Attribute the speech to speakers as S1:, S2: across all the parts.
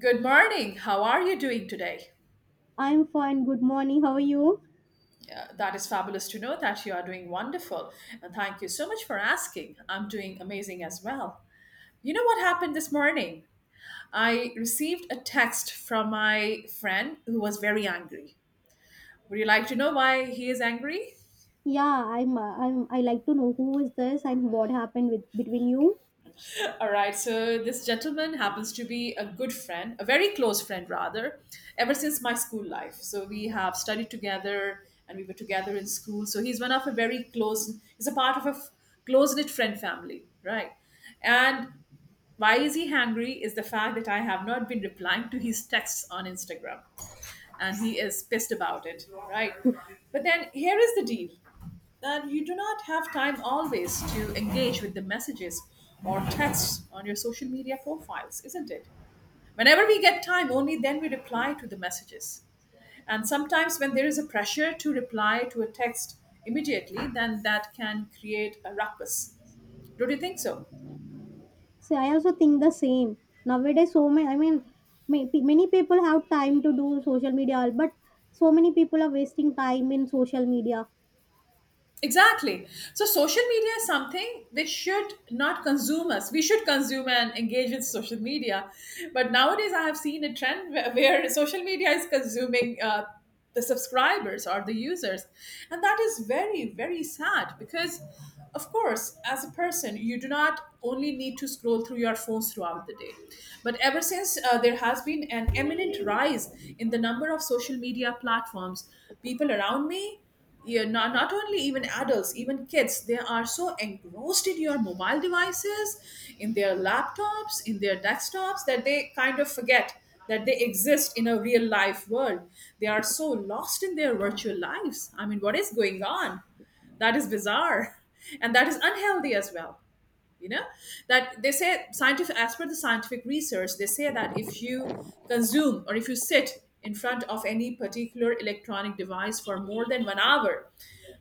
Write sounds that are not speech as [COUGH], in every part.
S1: Good morning. How are you doing today?
S2: I'm fine. Good morning. How are you?
S1: That is fabulous to know that you are doing wonderful. And thank you so much for asking. I'm doing amazing as well. You know what happened this morning? I received a text from my friend who was very angry. Would you like to know why he is angry?
S2: I like to know who is this and what happened with between you.
S1: All right, so this gentleman happens to be a good friend, a very close friend rather, ever since my school life. So we have studied together and we were together in school. So he's one of a very close, he's a part of a close knit friend family, right? And why is he angry is the fact that I have not been replying to his texts on Instagram. And he is pissed about it, right? But then here is the deal that you do not have time always to engage with the messages or texts on your social media profiles, isn't it? Whenever we get time, only then we reply to the messages. And sometimes, when there is a pressure to reply to a text immediately, then that can create a ruckus. Don't you think so?
S2: So I also think the same. Nowadays, so many. I mean, may- pe- Many people have time to do social media, but so many people are wasting time in social media.
S1: Exactly. So social media is something which should not consume us. We should consume and engage with social media. But nowadays, I have seen a trend where social media is consuming the subscribers or the users. And that is very, very sad because of course, as a person, you do not only need to scroll through your phones throughout the day. But ever since there has been an eminent rise in the number of social media platforms, people around me, yeah, not only even adults, even kids, they are so engrossed in your mobile devices, in their laptops, in their desktops, that they kind of forget that they exist in a real life world. They are so lost in their virtual lives. I mean, what is going on? That is bizarre, and that is unhealthy as well, you know, that they say scientific, as per the scientific research they say that if you consume or if you sit in front of any particular electronic device for more than 1 hour,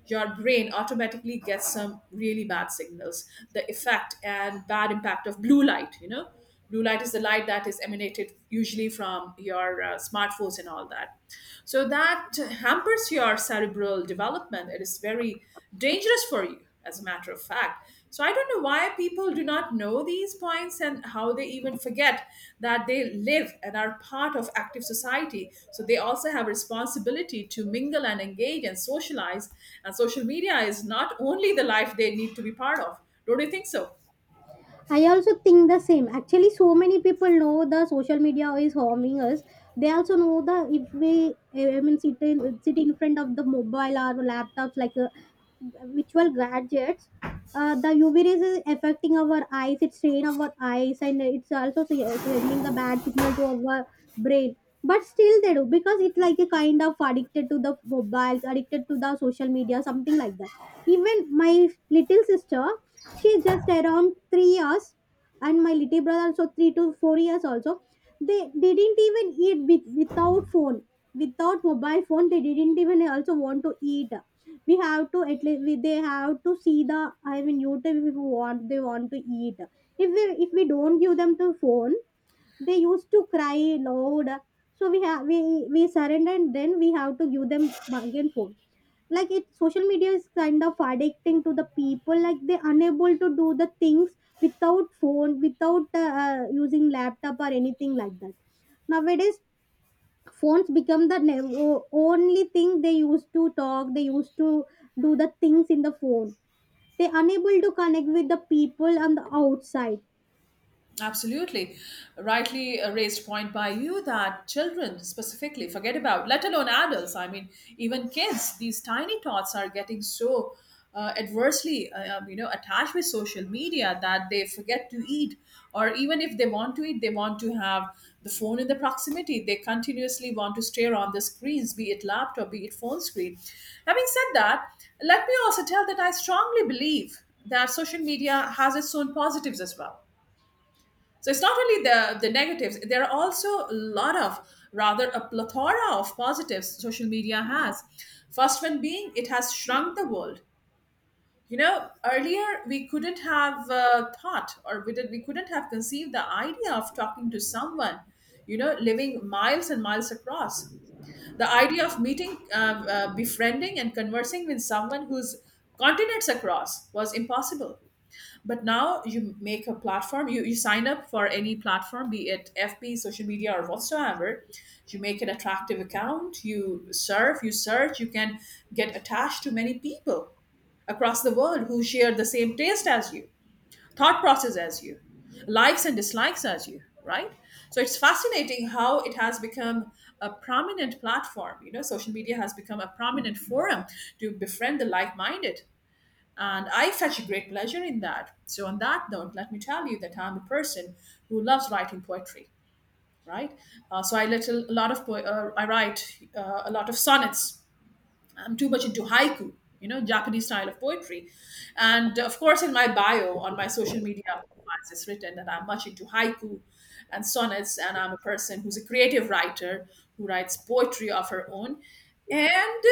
S1: your brain automatically gets some really bad signals, the effect and bad impact of blue light, you know. Blue light is the light that is emanated usually from your smartphones and all that. So that hampers your cerebral development. It is very dangerous for you, as a matter of fact. So I don't know why people do not know these points and how they even forget that they live and are part of active society. So they also have responsibility to mingle and engage and socialize, and social media is not only the life they need to be part of. Don't you think so?
S2: I also think the same. Actually, so many people know the social media is harming us. They also know the if we, sit in front of the mobile or laptops like virtual gadgets. The UV rays is affecting our eyes. It's strain our eyes, and it's also sending the bad signal to our brain. But still, they do because it's like a kind of addicted to the mobiles, addicted to the social media, something like that. Even my little sister, she's just around 3 years, and my little brother also 3 to 4 years also. They didn't even eat with, without phone. Without mobile phone they didn't even also want to eat. We have to, at least they have to see the, I mean, YouTube if we want, they want to eat. If we if we don't give them the phone, they used to cry loud. So we have, we surrender, and then we have to give them again phone. Like it, social media is kind of addicting to the people, like they unable to do the things without phone, without using laptop or anything like that nowadays. Phones become the only thing. They used to talk, they used to do the things in the phone. They unable to connect with the people on the outside.
S1: Absolutely. Rightly raised point by you that children specifically forget about, let alone adults. I mean, even kids, these tiny tots are getting so adversely, you know, attached with social media that they forget to eat. Or even if they want to eat, they want to have the phone in the proximity. They continuously want to stare on the screens, be it laptop, be it phone screen. Having said that, let me also tell that I strongly believe that social media has its own positives as well. So it's not only the negatives. There are also a lot of, rather a plethora of positives social media has. First one being it has shrunk the world. You know, earlier we couldn't have thought, or we couldn't have conceived the idea of talking to someone. You know, living miles and miles across. The idea of meeting, befriending, and conversing with someone who's continents across was impossible. But now you make a platform, you sign up for any platform, be it FB, social media or whatsoever. You make an attractive account, you surf, you search. You can get attached to many people across the world who share the same taste as you, thought process as you, likes and dislikes as you, right? So it's fascinating how it has become a prominent platform. You know, social media has become a prominent forum to befriend the like-minded, and I fetch a great pleasure in that. So, on that note, let me tell you that I'm a person who loves writing poetry, right? So, I let a lot of po- I write a lot of sonnets. I'm too much into haiku, you know, Japanese style of poetry. And of course, in my bio on my social media profiles, it's written that I'm much into haiku and sonnets, and I'm a person who's a creative writer who writes poetry of her own. And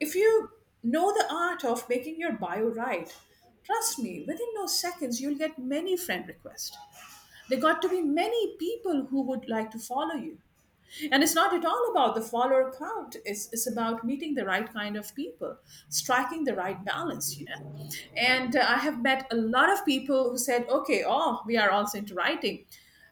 S1: if you know the art of making your bio right, trust me, within those seconds, you'll get many friend requests. There got to be many people who would like to follow you. And it's not at all about the follower count. It's about meeting the right kind of people, striking the right balance, you know? And I have met a lot of people who said, okay, oh, we are also into writing.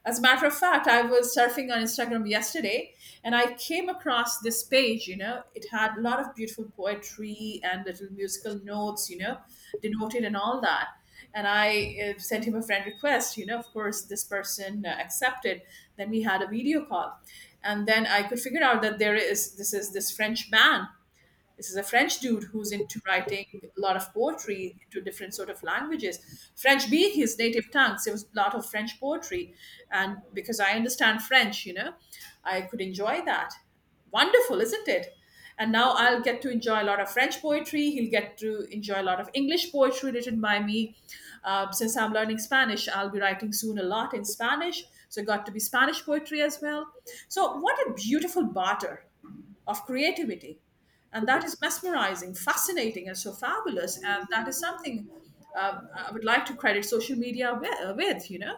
S1: As a matter of fact, I was surfing on Instagram yesterday and I came across this page. You know, it had a lot of beautiful poetry and little musical notes, you know, denoted and all that. And I sent him a friend request. You know, of course, this person accepted. Then we had a video call. And then I could figure out that there is this French man, this is a French dude who's into writing a lot of poetry into different sort of languages. French being his native tongue, so it was a lot of French poetry. And because I understand French, you know, I could enjoy that. Wonderful, isn't it? And now I'll get to enjoy a lot of French poetry. He'll get to enjoy a lot of English poetry written by me. Since I'm learning Spanish, I'll be writing soon a lot in Spanish. So it got to be Spanish poetry as well. So what a beautiful barter of creativity, and that is mesmerizing, fascinating and so fabulous, and that is something I would like to credit social media with, you know.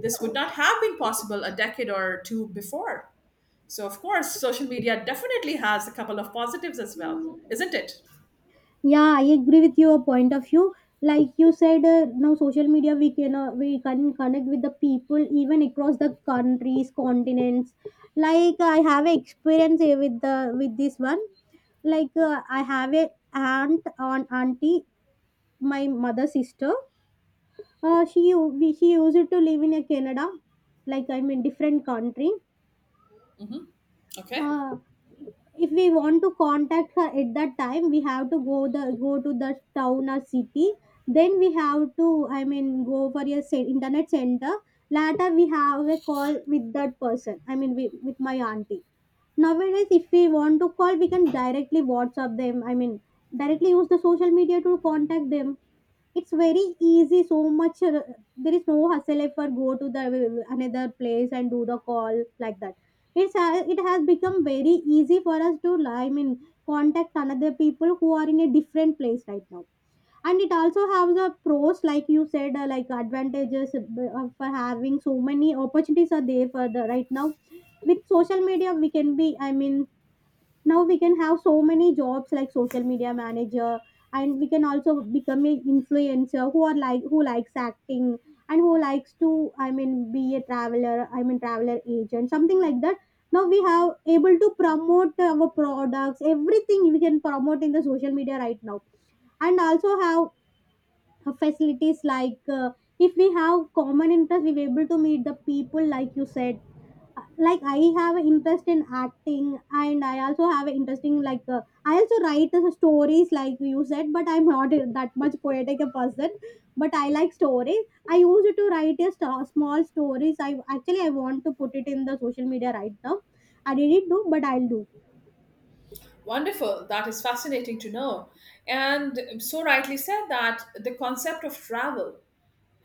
S1: This would not have been possible a decade or two before. So of course social media definitely has a couple of positives as well, isn't it?
S2: Yeah, I agree with your point of view. Like you said, now social media, we can connect with the people even across the countries, continents. Like I have a experience with the with this one. Like I have a auntie, my mother's sister. She used to live in a Canada, like I'm in different country.
S1: Hmm. Okay.
S2: Uh, if we want to contact her at that time, we have to go to the town or city, then we have to, I mean, go for a internet center. Later we have a call with that person, I mean, with my auntie. Nowadays if we want to call, we can directly WhatsApp them, I mean, directly use the social media to contact them. It's very easy, so much. There is no hassle if I go to the another place and do the call like that. It's it has become very easy for us to, I mean, contact another people who are in a different place right now. And it also has a pros, like you said, like advantages for having so many opportunities are there for the right now. With social media we can be, I mean, now we can have so many jobs like social media manager, and we can also become a influencer who are like, who likes acting, and who likes to, I mean, be a traveler, I mean, traveler agent, something like that. Now we have able to promote our products, everything we can promote in the social media right now. And also have facilities like, if we have common interest we were able to meet the people like you said. Like I have an interest in acting, and I also have an interest in like, I also write stories like you said, but I'm not that much poetic a person. But I like stories, I used to write a small stories. I actually, I want to put it in the social media right now. I didn't do, but I'll do.
S1: Wonderful. That is fascinating to know. And so rightly said that the concept of travel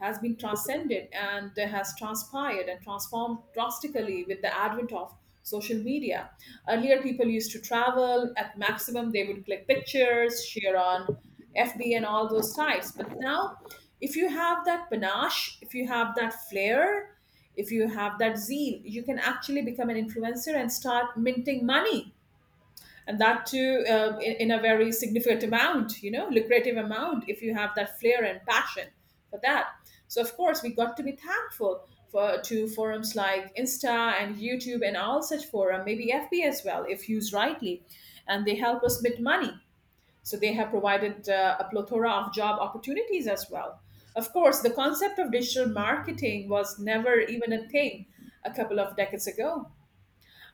S1: has been transcended and has transpired and transformed drastically with the advent of social media. Earlier, people used to travel. At maximum, they would click pictures, share on FB and all those types. But now, if you have that panache, if you have that flair, if you have that zeal, you can actually become an influencer and start minting money, and that too in a very significant amount, you know, lucrative amount, if you have that flair and passion for that. So of course we got to be thankful for, to forums like insta and YouTube and all such forum, maybe FB as well, if used rightly, and they help us make money. So they have provided a plethora of job opportunities as well. Of course the concept of digital marketing was never even a thing a couple of decades ago.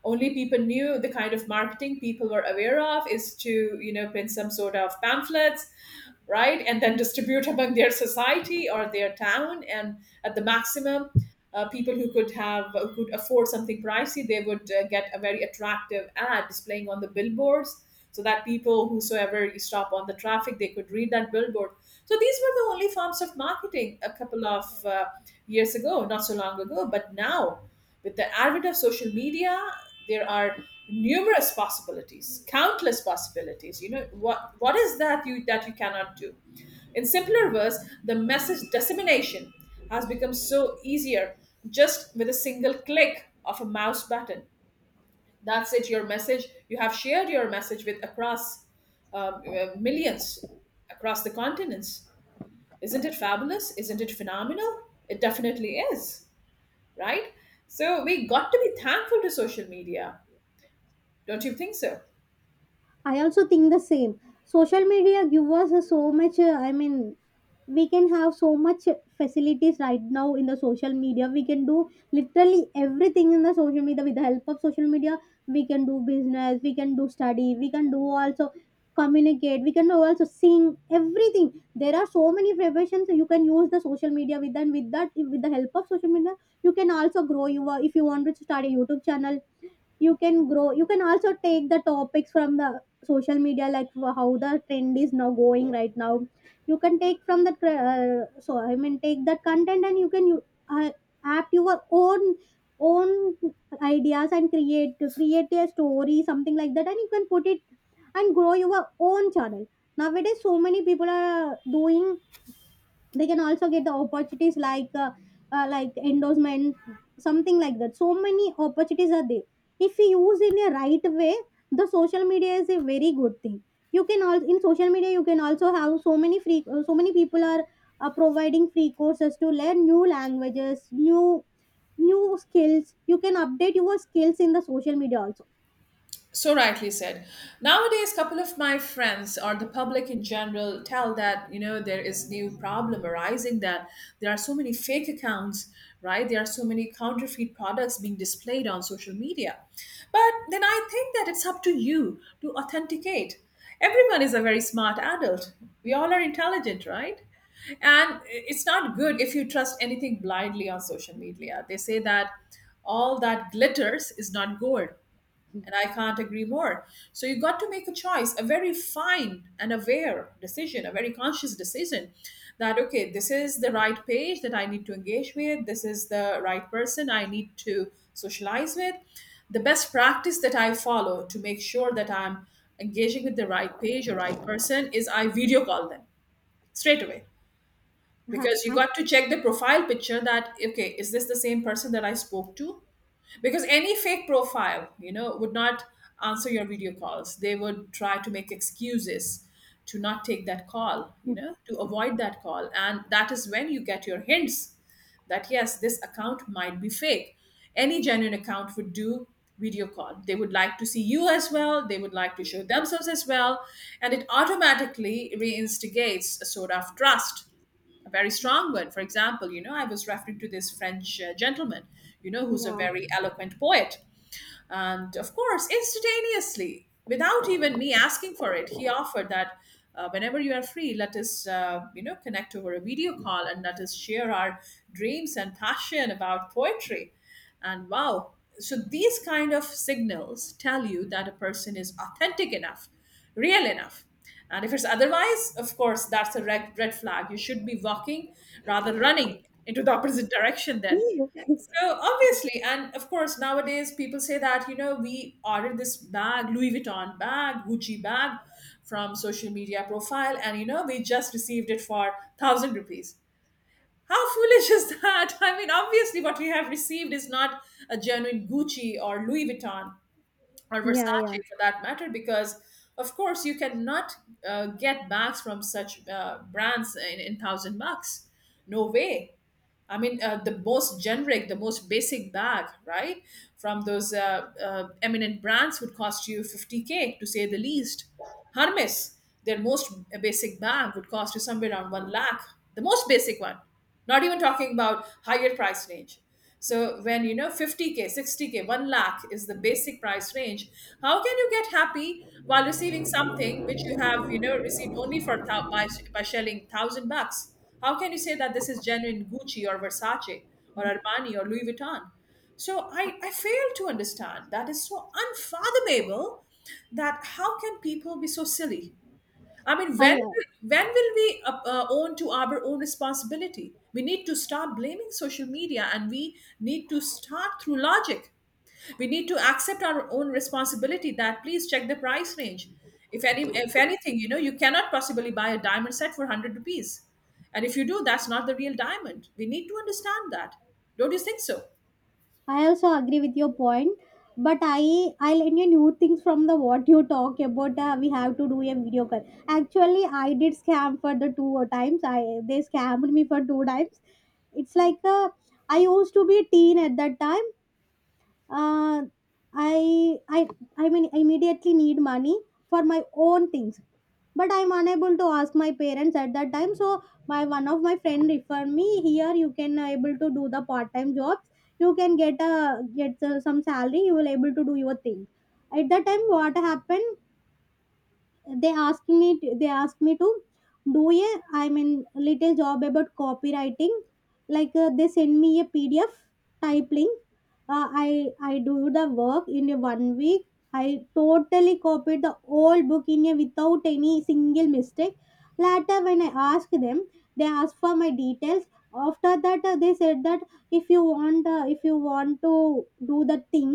S1: Only people knew the kind of marketing people were aware of is to, you know, print some sort of pamphlets, right, and then distribute among their society or their town. And at the maximum, people who could have, who could afford something pricey, they would get a very attractive ad displaying on the billboards, so that people, whosoever you stop on the traffic, they could read that billboard. So these were the only forms of marketing a couple of years ago, not so long ago. But now, with the advent of social media, there are numerous possibilities, countless possibilities. You know what is that you cannot do? In simpler words, the message dissemination has become so easier, just with a single click of a mouse button. That's it, your message. You have shared your message with, across millions, across the continents. Isn't it fabulous? Isn't it phenomenal? It definitely is, right? So we got to be thankful to social media. Don't you think so?
S2: I also think the same. Social media give us so much. I mean, we can have so much facilities right now in the social media. We can do literally everything in the social media with the help of social media. We can do business. We can do study. We can do also communicate. We can do also sing. Everything. There are so many professions you can use the social media with, and with that, with the help of social media, you can also grow your. If you want to start a YouTube channel, you can grow, you can also take the topics from the social media, like how the trend is now going right now. You can take from that so, I mean, take that content and you can you, uh, add your own own ideas and create a story something like that, and you can put it and grow your own channel. Nowadays so many people are doing. They can also get the opportunities like endorsement, something like that. So many opportunities are there if we use in a right way. The social media is a very good thing. You can also, in social media you can also have so many free, so many people are providing free courses to learn new languages, new skills. You can update your skills in the social media also.
S1: So rightly said. Nowadays, couple of my friends or the public in general tell that, you know, there is new problem arising that there are so many fake accounts, right? There are so many counterfeit products being displayed on social media. But then I think that it's up to you to authenticate. Everyone is a very smart adult. We all are intelligent, right? And it's not good if you trust anything blindly on social media. They say that all that glitters is not gold and I can't agree more. So you got to make a choice, a very fine and aware decision, a very conscious decision that, okay, this is the right page that I need to engage with. This is the right person I need to socialize with. The best practice that I follow to make sure that I'm engaging with the right page or right person is I video call them straight away,
S2: [LAUGHS] Huh.
S1: because you
S2: I-
S1: got to check the profile picture that, okay, is this the same person that I spoke to? Because any fake profile, you know, would not answer your video calls. They would try to make excuses to not take that call, you know, to avoid that call. And that is when you get your hints that, yes, this account might be fake. Any genuine account would do video call. They would like to see you as well. They would like to show themselves as well. And it automatically reinstigates a sort of trust, a very strong one. For example, you know, I was referring to this French gentleman, you know, who's a
S2: yeah.
S1: very eloquent poet. And of course, instantaneously, without even me asking for it, he offered that whenever you are free, let us, you know, connect over a video call and let us share our dreams and passion about poetry. And wow, so these kind of signals tell you that a person is authentic enough, real enough. And if it's otherwise, of course, that's a red flag. You should be walking rather running into the opposite [LAUGHS] direction then.
S2: Yeah.
S1: So obviously, and of course, nowadays people say that, you know, we ordered this bag, Louis Vuitton bag, Gucci bag from social media profile, and, you know, we just received it for thousand rupees. How [LAUGHS] foolish is that? [LAUGHS] I mean, obviously, what we have received is not a genuine Gucci or Louis Vuitton or
S2: Yeah, yeah.
S1: Versace for that matter, because of course you cannot get bags from such brands in 1000 bucks. No way. I mean, the most generic, the most basic bag, right, from those eminent brands would cost you 50K to say the least. Hermes, their most basic bag would cost you somewhere around 1 lakh, the most basic one. Not even talking about higher price range. So when you know 50K, 60K, 1 lakh is the basic price range, how can you get happy while receiving something which you have, you know, received only for by shelling 1000 bucks? How can you say that this is genuine Gucci or Versace or Armani or Louis Vuitton? So I fail to understand. That is so unfathomable, that how can people be so silly? I mean,
S2: i
S1: when
S2: uh,
S1: when will we own to our own responsibility? We need to start blaming social media, and we need to start through logic. We need to accept our own responsibility. That, please check the price range. If anything, you know, you cannot possibly buy a diamond set for hundred rupees, and if you do, that's not the real diamond. We need to understand that. Don't you think so?
S2: I also agree with your point, but I learned a new things from the what you talk about. We have to do a video call. Actually, I did scam for the two times. I, they scammed me for two times. It's like, I used to be a teen at that time. Uh, I I I mean, immediately need money for my own things, but I'm unable to ask my parents at that time. So my one of my friend referred me here, you can, able to do the part time jobs. You can get a get some salary, you will able to do your thing. At that time what happened, they asked me to do a, I mean, little job about copywriting. Like, they send me a PDF type link. I do the work in a 1 week. I totally copied the whole book in a without any single mistake. Later when I asked them, they asked for my details. After that, they said that if you want, if you want to do the thing,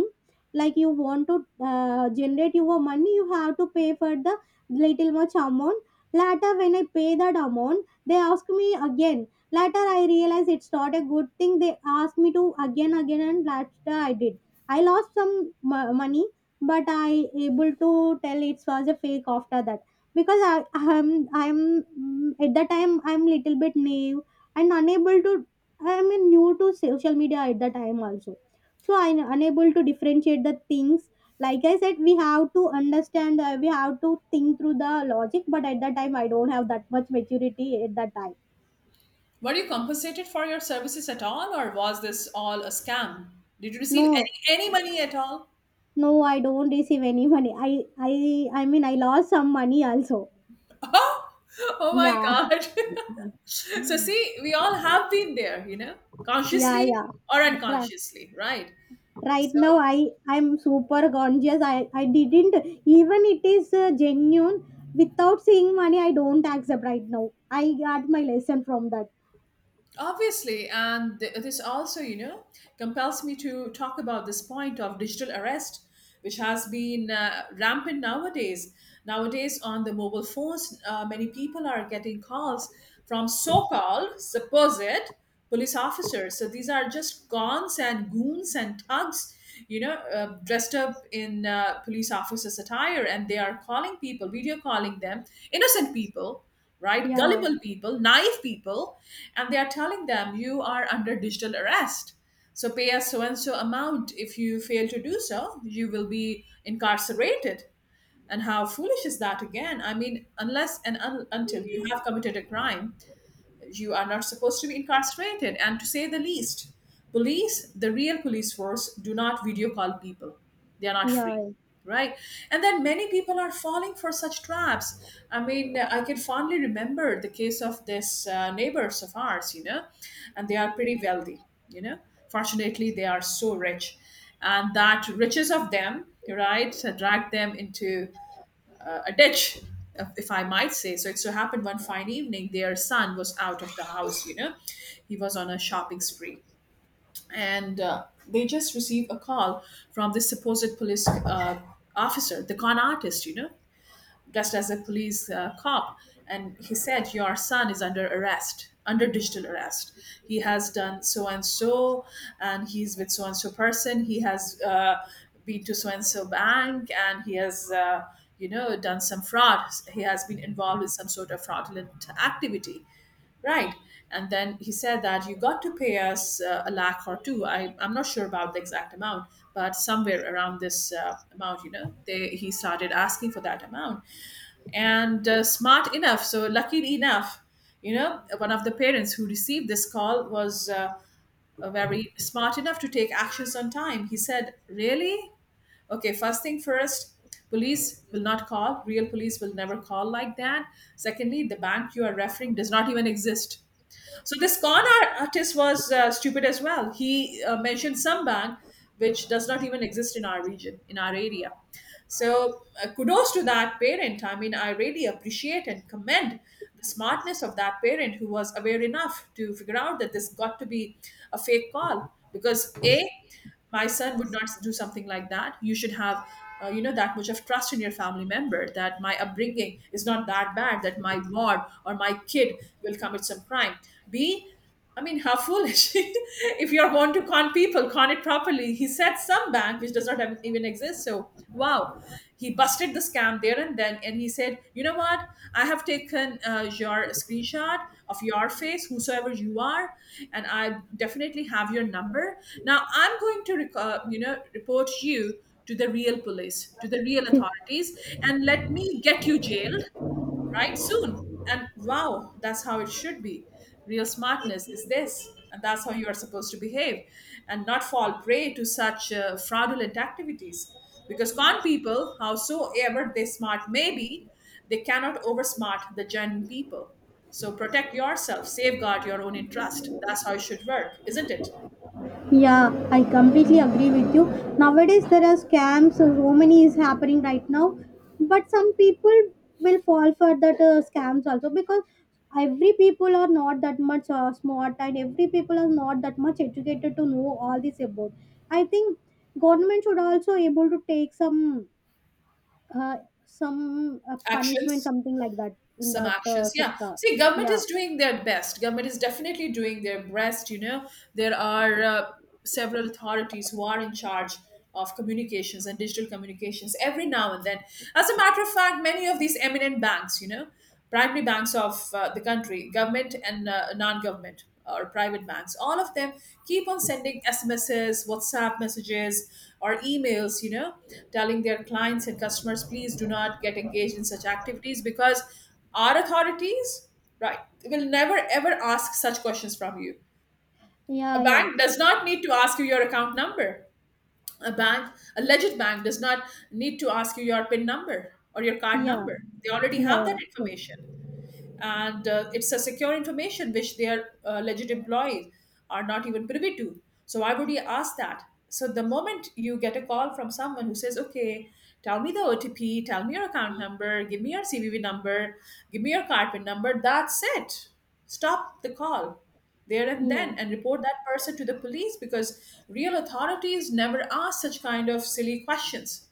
S2: like you want to, generate your money, you have to pay for the little much amount. Later, when I pay that amount, they ask me again. Later, I realize it's not a good thing. They asked me to again, again, and later I did. I lost some money, but I able to tell it was a fake after that because I at that time I'm little bit naive and unable to, I mean, new to social media at the time also. So I'm unable to differentiate the things. Like I said, we have to understand, we have to think through the logic, but at that time I don't have that much maturity at that time.
S1: Were you compensated for your services at all, or was this all a scam? Did you receive
S2: No,
S1: any money at all?
S2: no, I don't receive any money. I I mean I lost some money also.
S1: [LAUGHS] Oh. Oh my
S2: Yeah,
S1: god. [LAUGHS] So see, we all have been there, you know,
S2: yeah,
S1: consciously
S2: yeah.
S1: or
S2: Right,
S1: unconsciously, right?
S2: right
S1: So
S2: now I I'm super conscious. I didn't, even it is genuine, without seeing money I don't accept right now. I got my lesson from that.
S1: obviously, and this also, you know, compels me to talk about this point of digital arrest, which has been rampant nowadays. Nowadays, on the mobile phones, many people are getting calls from so called supposed police officers. So these are just cons and goons and thugs, you know, dressed up in police officers' attire, and they are calling people, video calling them, innocent people, right?
S2: Yeah,
S1: Gullible people, naive people, and they are telling them, you are under digital arrest. So pay us so and so amount. If you fail to do so, you will be incarcerated. And how foolish is that again? I mean, unless and until you have committed a crime, you are not supposed to be incarcerated. And to say the least, police, the real police force, do not video call people. They are not free,
S2: yeah.
S1: right? And then many people are falling for such traps. I mean, I can fondly remember the case of this neighbors of ours, you know, and they are pretty wealthy, you know. Fortunately, they are so rich. And that riches of them, right, dragged them into ditch, if I might say. So it so happened one fine evening, their son was out of the house, you know, he was on a shopping spree. And they just received a call from this supposed police officer, the con artist, you know, dressed as a police cop, and he said, "Your son is under arrest, under digital arrest. He has done so and so, and he's with so and so person. He has been to so and so bank, and he has." You know, done some fraud. He has been involved in some sort of fraudulent activity, right? And then he said that you got to pay us a lakh or two. I'm not sure about the exact amount, but somewhere around this amount, you know, he started asking for that amount. And smart enough, so lucky enough, you know, one of the parents who received this call was very smart enough to take actions on time. He said, really? Okay, first thing first, police will not call. Real police will never call like that. Secondly, the bank you are referring does not even exist. So this con artist was stupid as well. He mentioned Sambang, which does not even exist in our region, in our area. So kudos to that parent. I mean, I really appreciate and commend the smartness of that parent who was aware enough to figure out that this got to be a fake call. Because a, my son would not do something like that. You should have you know, that much of trust in your family member that my upbringing is not that bad, that my ward or my kid will commit some crime. B, I mean, how foolish [LAUGHS] if you're going to con people, con it properly. He said some bank which does not even exist, so wow, he busted the scam there and then. And he said, you know what, I have taken your screenshot of your face, whosoever you are, and I definitely have your number. Now I'm going to you know, report you to the real police, to the real
S2: [LAUGHS]
S1: authorities, and let me get you jailed right soon. And wow, that's how it should be. Real smartness is this. And that's how you are supposed to behave and not fall prey to such fraudulent activities. Because con people, howsoever they smart may be, they cannot oversmart the genuine people. So protect yourself, safeguard your own interest. That's how it should work, isn't it?
S2: Yeah, I completely agree with you. Nowadays there are scams, so many is happening right now. But some people will fall for that scams also, because every people are not that much smart, and every people are not that much educated to know all this about. I think government should also able to take uh, some punishment
S1: Actions,
S2: something like that in
S1: some
S2: that
S1: actions, yeah,
S2: sector.
S1: see, government
S2: Yeah,
S1: is doing their best. Government is definitely doing their best, you know. There are several authorities who are in charge of communications and digital communications every now and then. As a matter of fact, many of these eminent banks, you know, primary banks of the country, government and non-government or private banks, all of them keep on sending SMSs, WhatsApp messages, or emails, you know, telling their clients and customers, please do not get engaged in such activities because our authorities, right, will never ever ask such questions from you. A
S2: yeah, yeah,
S1: bank does not need to ask you your account number. A bank, a legit bank, does not need to ask you your PIN number or your card
S2: yeah,
S1: number. They already
S2: yeah,
S1: have that
S2: yeah, sure.
S1: information, and it's a secure information, which their alleged employees are not even privy to. So why would you ask that? So the moment you get a call from someone who says, okay, tell me the OTP, tell me your account number, give me your CVV number, give me your card PIN number, that's it. Stop the call there and
S2: Yeah.
S1: then, and report that person to the police, because real authorities never ask such kind of silly questions,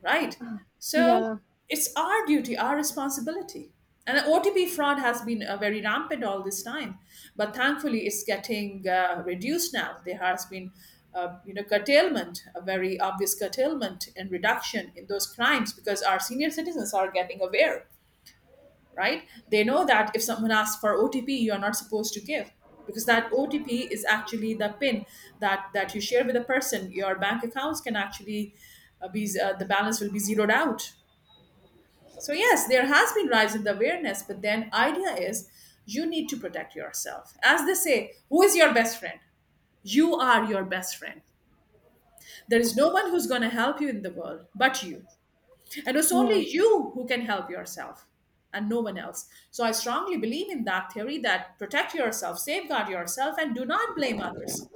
S1: right?
S2: Ah,
S1: So
S2: yeah,
S1: it's our duty, our responsibility. And OTP fraud has been very rampant all this time, but thankfully it's getting reduced now. There has been, you know, curtailment, a very obvious curtailment and reduction in those crimes because our senior citizens are getting aware, right? They know that if someone asks for OTP, you are not supposed to give because that OTP is actually the PIN that you share with a person. Your bank accounts can actually be the balance will be zeroed out. So yes, there has been rise in the awareness, but then idea is you need to protect yourself. As they say, who is your best friend? You are your best friend. There is no one who's going to help you in the world but you. And it's
S2: yeah.
S1: only you who can help yourself and no one else. So I strongly believe in that theory that protect yourself, safeguard yourself, and do not blame others.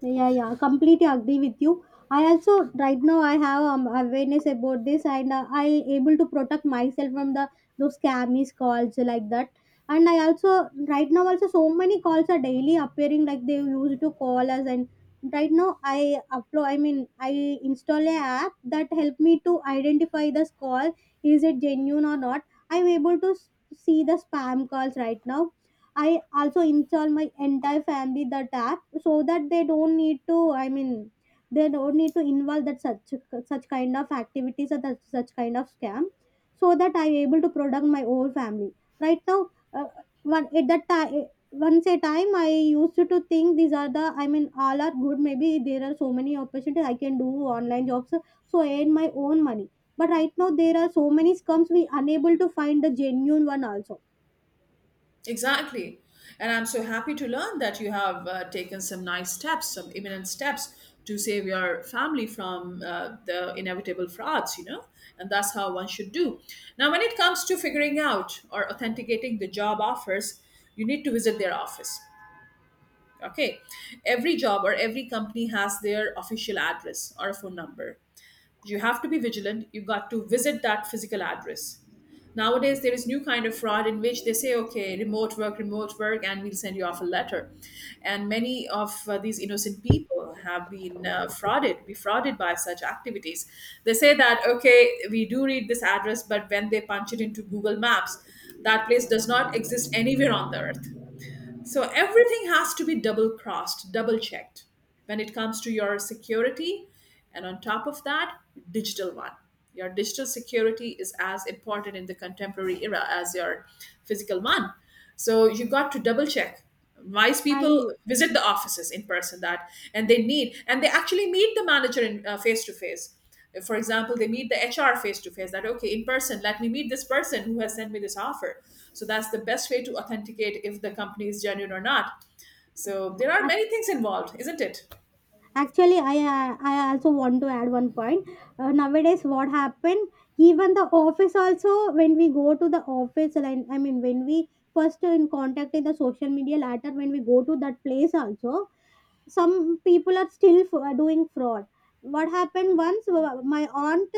S2: Yeah, yeah, completely agree with you. I also, right now I have awareness about this, and I able to protect myself from the those scammies calls like that. And I also right now also so many calls are daily appearing, like they used to call us. And right now I upload, I mean, I install a app that help me to identify this call is it genuine or not. I'm able to see the spam calls right now. I also install my entire family that app, so that they don't need to, I mean, they don't need to involve that such kind of activities or that such kind of scam, so that I'm able to protect my whole family. Right now, one at that time once a time I used to think these are the, I mean, all are good, maybe there are so many opportunities I can do online jobs so I earn my own money. But right now there are so many scams we unable to find the genuine one also.
S1: Exactly. And I'm so happy to learn that you have taken some nice steps, some imminent steps to save your family from the inevitable frauds, you know? And that's how one should do. Now, when it comes to figuring out or authenticating the job offers, you need to visit their office. Okay. Every job or every company has their official address or a phone number. You have to be vigilant. You got to visit that physical address. Nowadays there is new kind of fraud in which they say okay, remote work, remote work, and we'll send you off a letter, and many of these innocent people have been frauded, defrauded by such activities. They say that okay, we do read this address, but when they punch it into Google Maps, that place does not exist anywhere on the earth. So everything has to be double crossed, double checked when it comes to your security. And on top of that, digital one. Your digital security is as important in the contemporary era as your physical one. So you got to double check. Wise people
S2: I
S1: visit the offices in person that, and they need, and they actually meet the manager in face to face. For example, they meet the HR face to face that okay, in person let me meet this person who has sent me this offer. So that's the best way to authenticate if the company is genuine or not. So there are many things involved, isn't it?
S2: actually I also want to add one point. Nowadays what happened, even the office also, when we go to the office and, I mean, when we first in contact in the social media, later when we go to that place also, some people are still doing fraud. What happened, once, my aunt,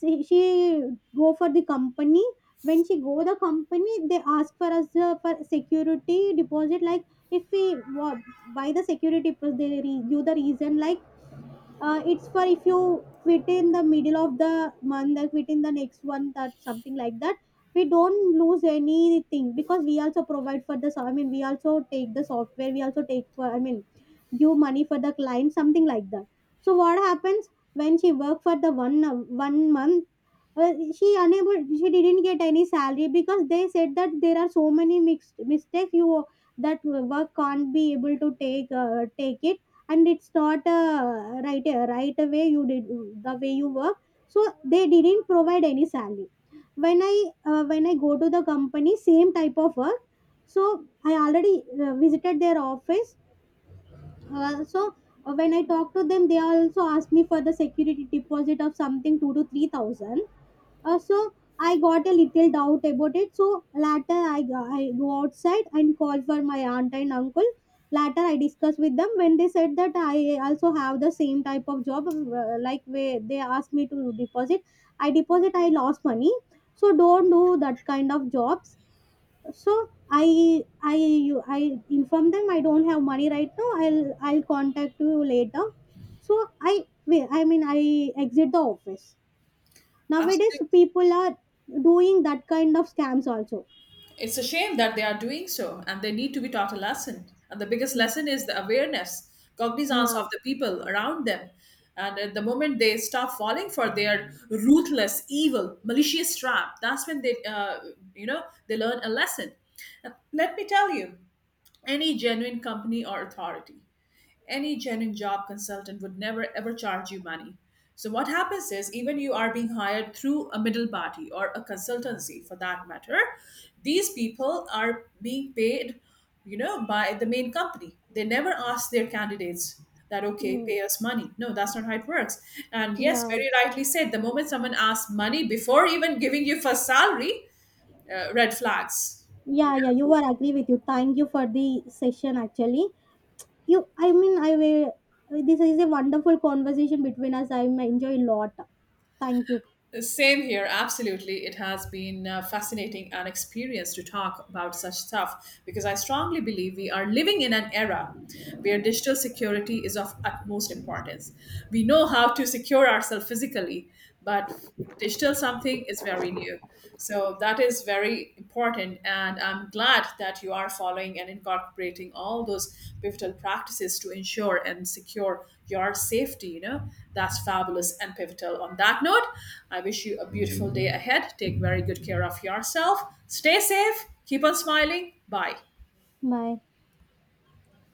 S2: she go for the company. When she go the company, they ask for us, for security deposit, like if we buy the security, they give the reason like, it's for if you quit in the middle of the month and quit in the next one, that something like that. We don't lose anything because we also provide for the I mean, we also take the software, we also take for, I mean, give money for the client, something like that. So what happens, when she work for the 1 month, well, she unable, she didn't get any salary because they said that there are so many mixed mistakes, you, that work can't be able to take it, and it's not right, right away you did the way you work, so they didn't provide any salary. when i when I go to the company same type of work, so I already visited their office. uh, so when I talk to them, they also ask me for the security deposit of something 2 to 3,000. uh, so I got a little doubt about it. So later I go outside and call for my aunt and uncle. Later I discuss with them, when they said that I also have the same type of job, like where they asked me to deposit. I deposit, I lost money. So don't do that kind of jobs. So I inform them I don't have money right now. I'll contact you later. So I mean, I exit the office. Nowadays,
S1: Absolutely.
S2: people are doing that kind of scams also.
S1: It's a shame that they are doing so, and they need to be taught a lesson. And the biggest
S2: Mm.
S1: lesson is the awareness, cognizance
S2: Yeah.
S1: of the people around them. And at the moment they stop falling for their ruthless, evil, malicious trap, that's when they, you know, they learn a lesson. And let me tell you. Any genuine company or authority, any genuine job consultant would never ever charge you money. So what happens is even you are being hired through a middle party or a consultancy for that matter, these people are being paid, you know, by the main company. They never ask their candidates that okay,
S2: Mm.
S1: pay us money. No, that's not how it works. And yes,
S2: Yeah.
S1: very rightly said, the moment someone asks money before even giving you first salary, red flags.
S2: Yeah, yeah, you are agree with you. Thank you for the session actually. You I mean I will This is a wonderful conversation between us. I enjoy a lot. Thank you.
S1: Same here, absolutely. It has been fascinating an experience to talk about such stuff because I strongly believe we are living in an era where digital security is of utmost importance. We know how to secure ourselves physically, but digital something is very new. So that is very important. And I'm glad that you are following and incorporating all those pivotal practices to ensure and secure your safety. You know, that's fabulous and pivotal. On that note, I wish you a beautiful day ahead. Take very good care of yourself. Stay safe. Keep on smiling. Bye.
S2: Bye.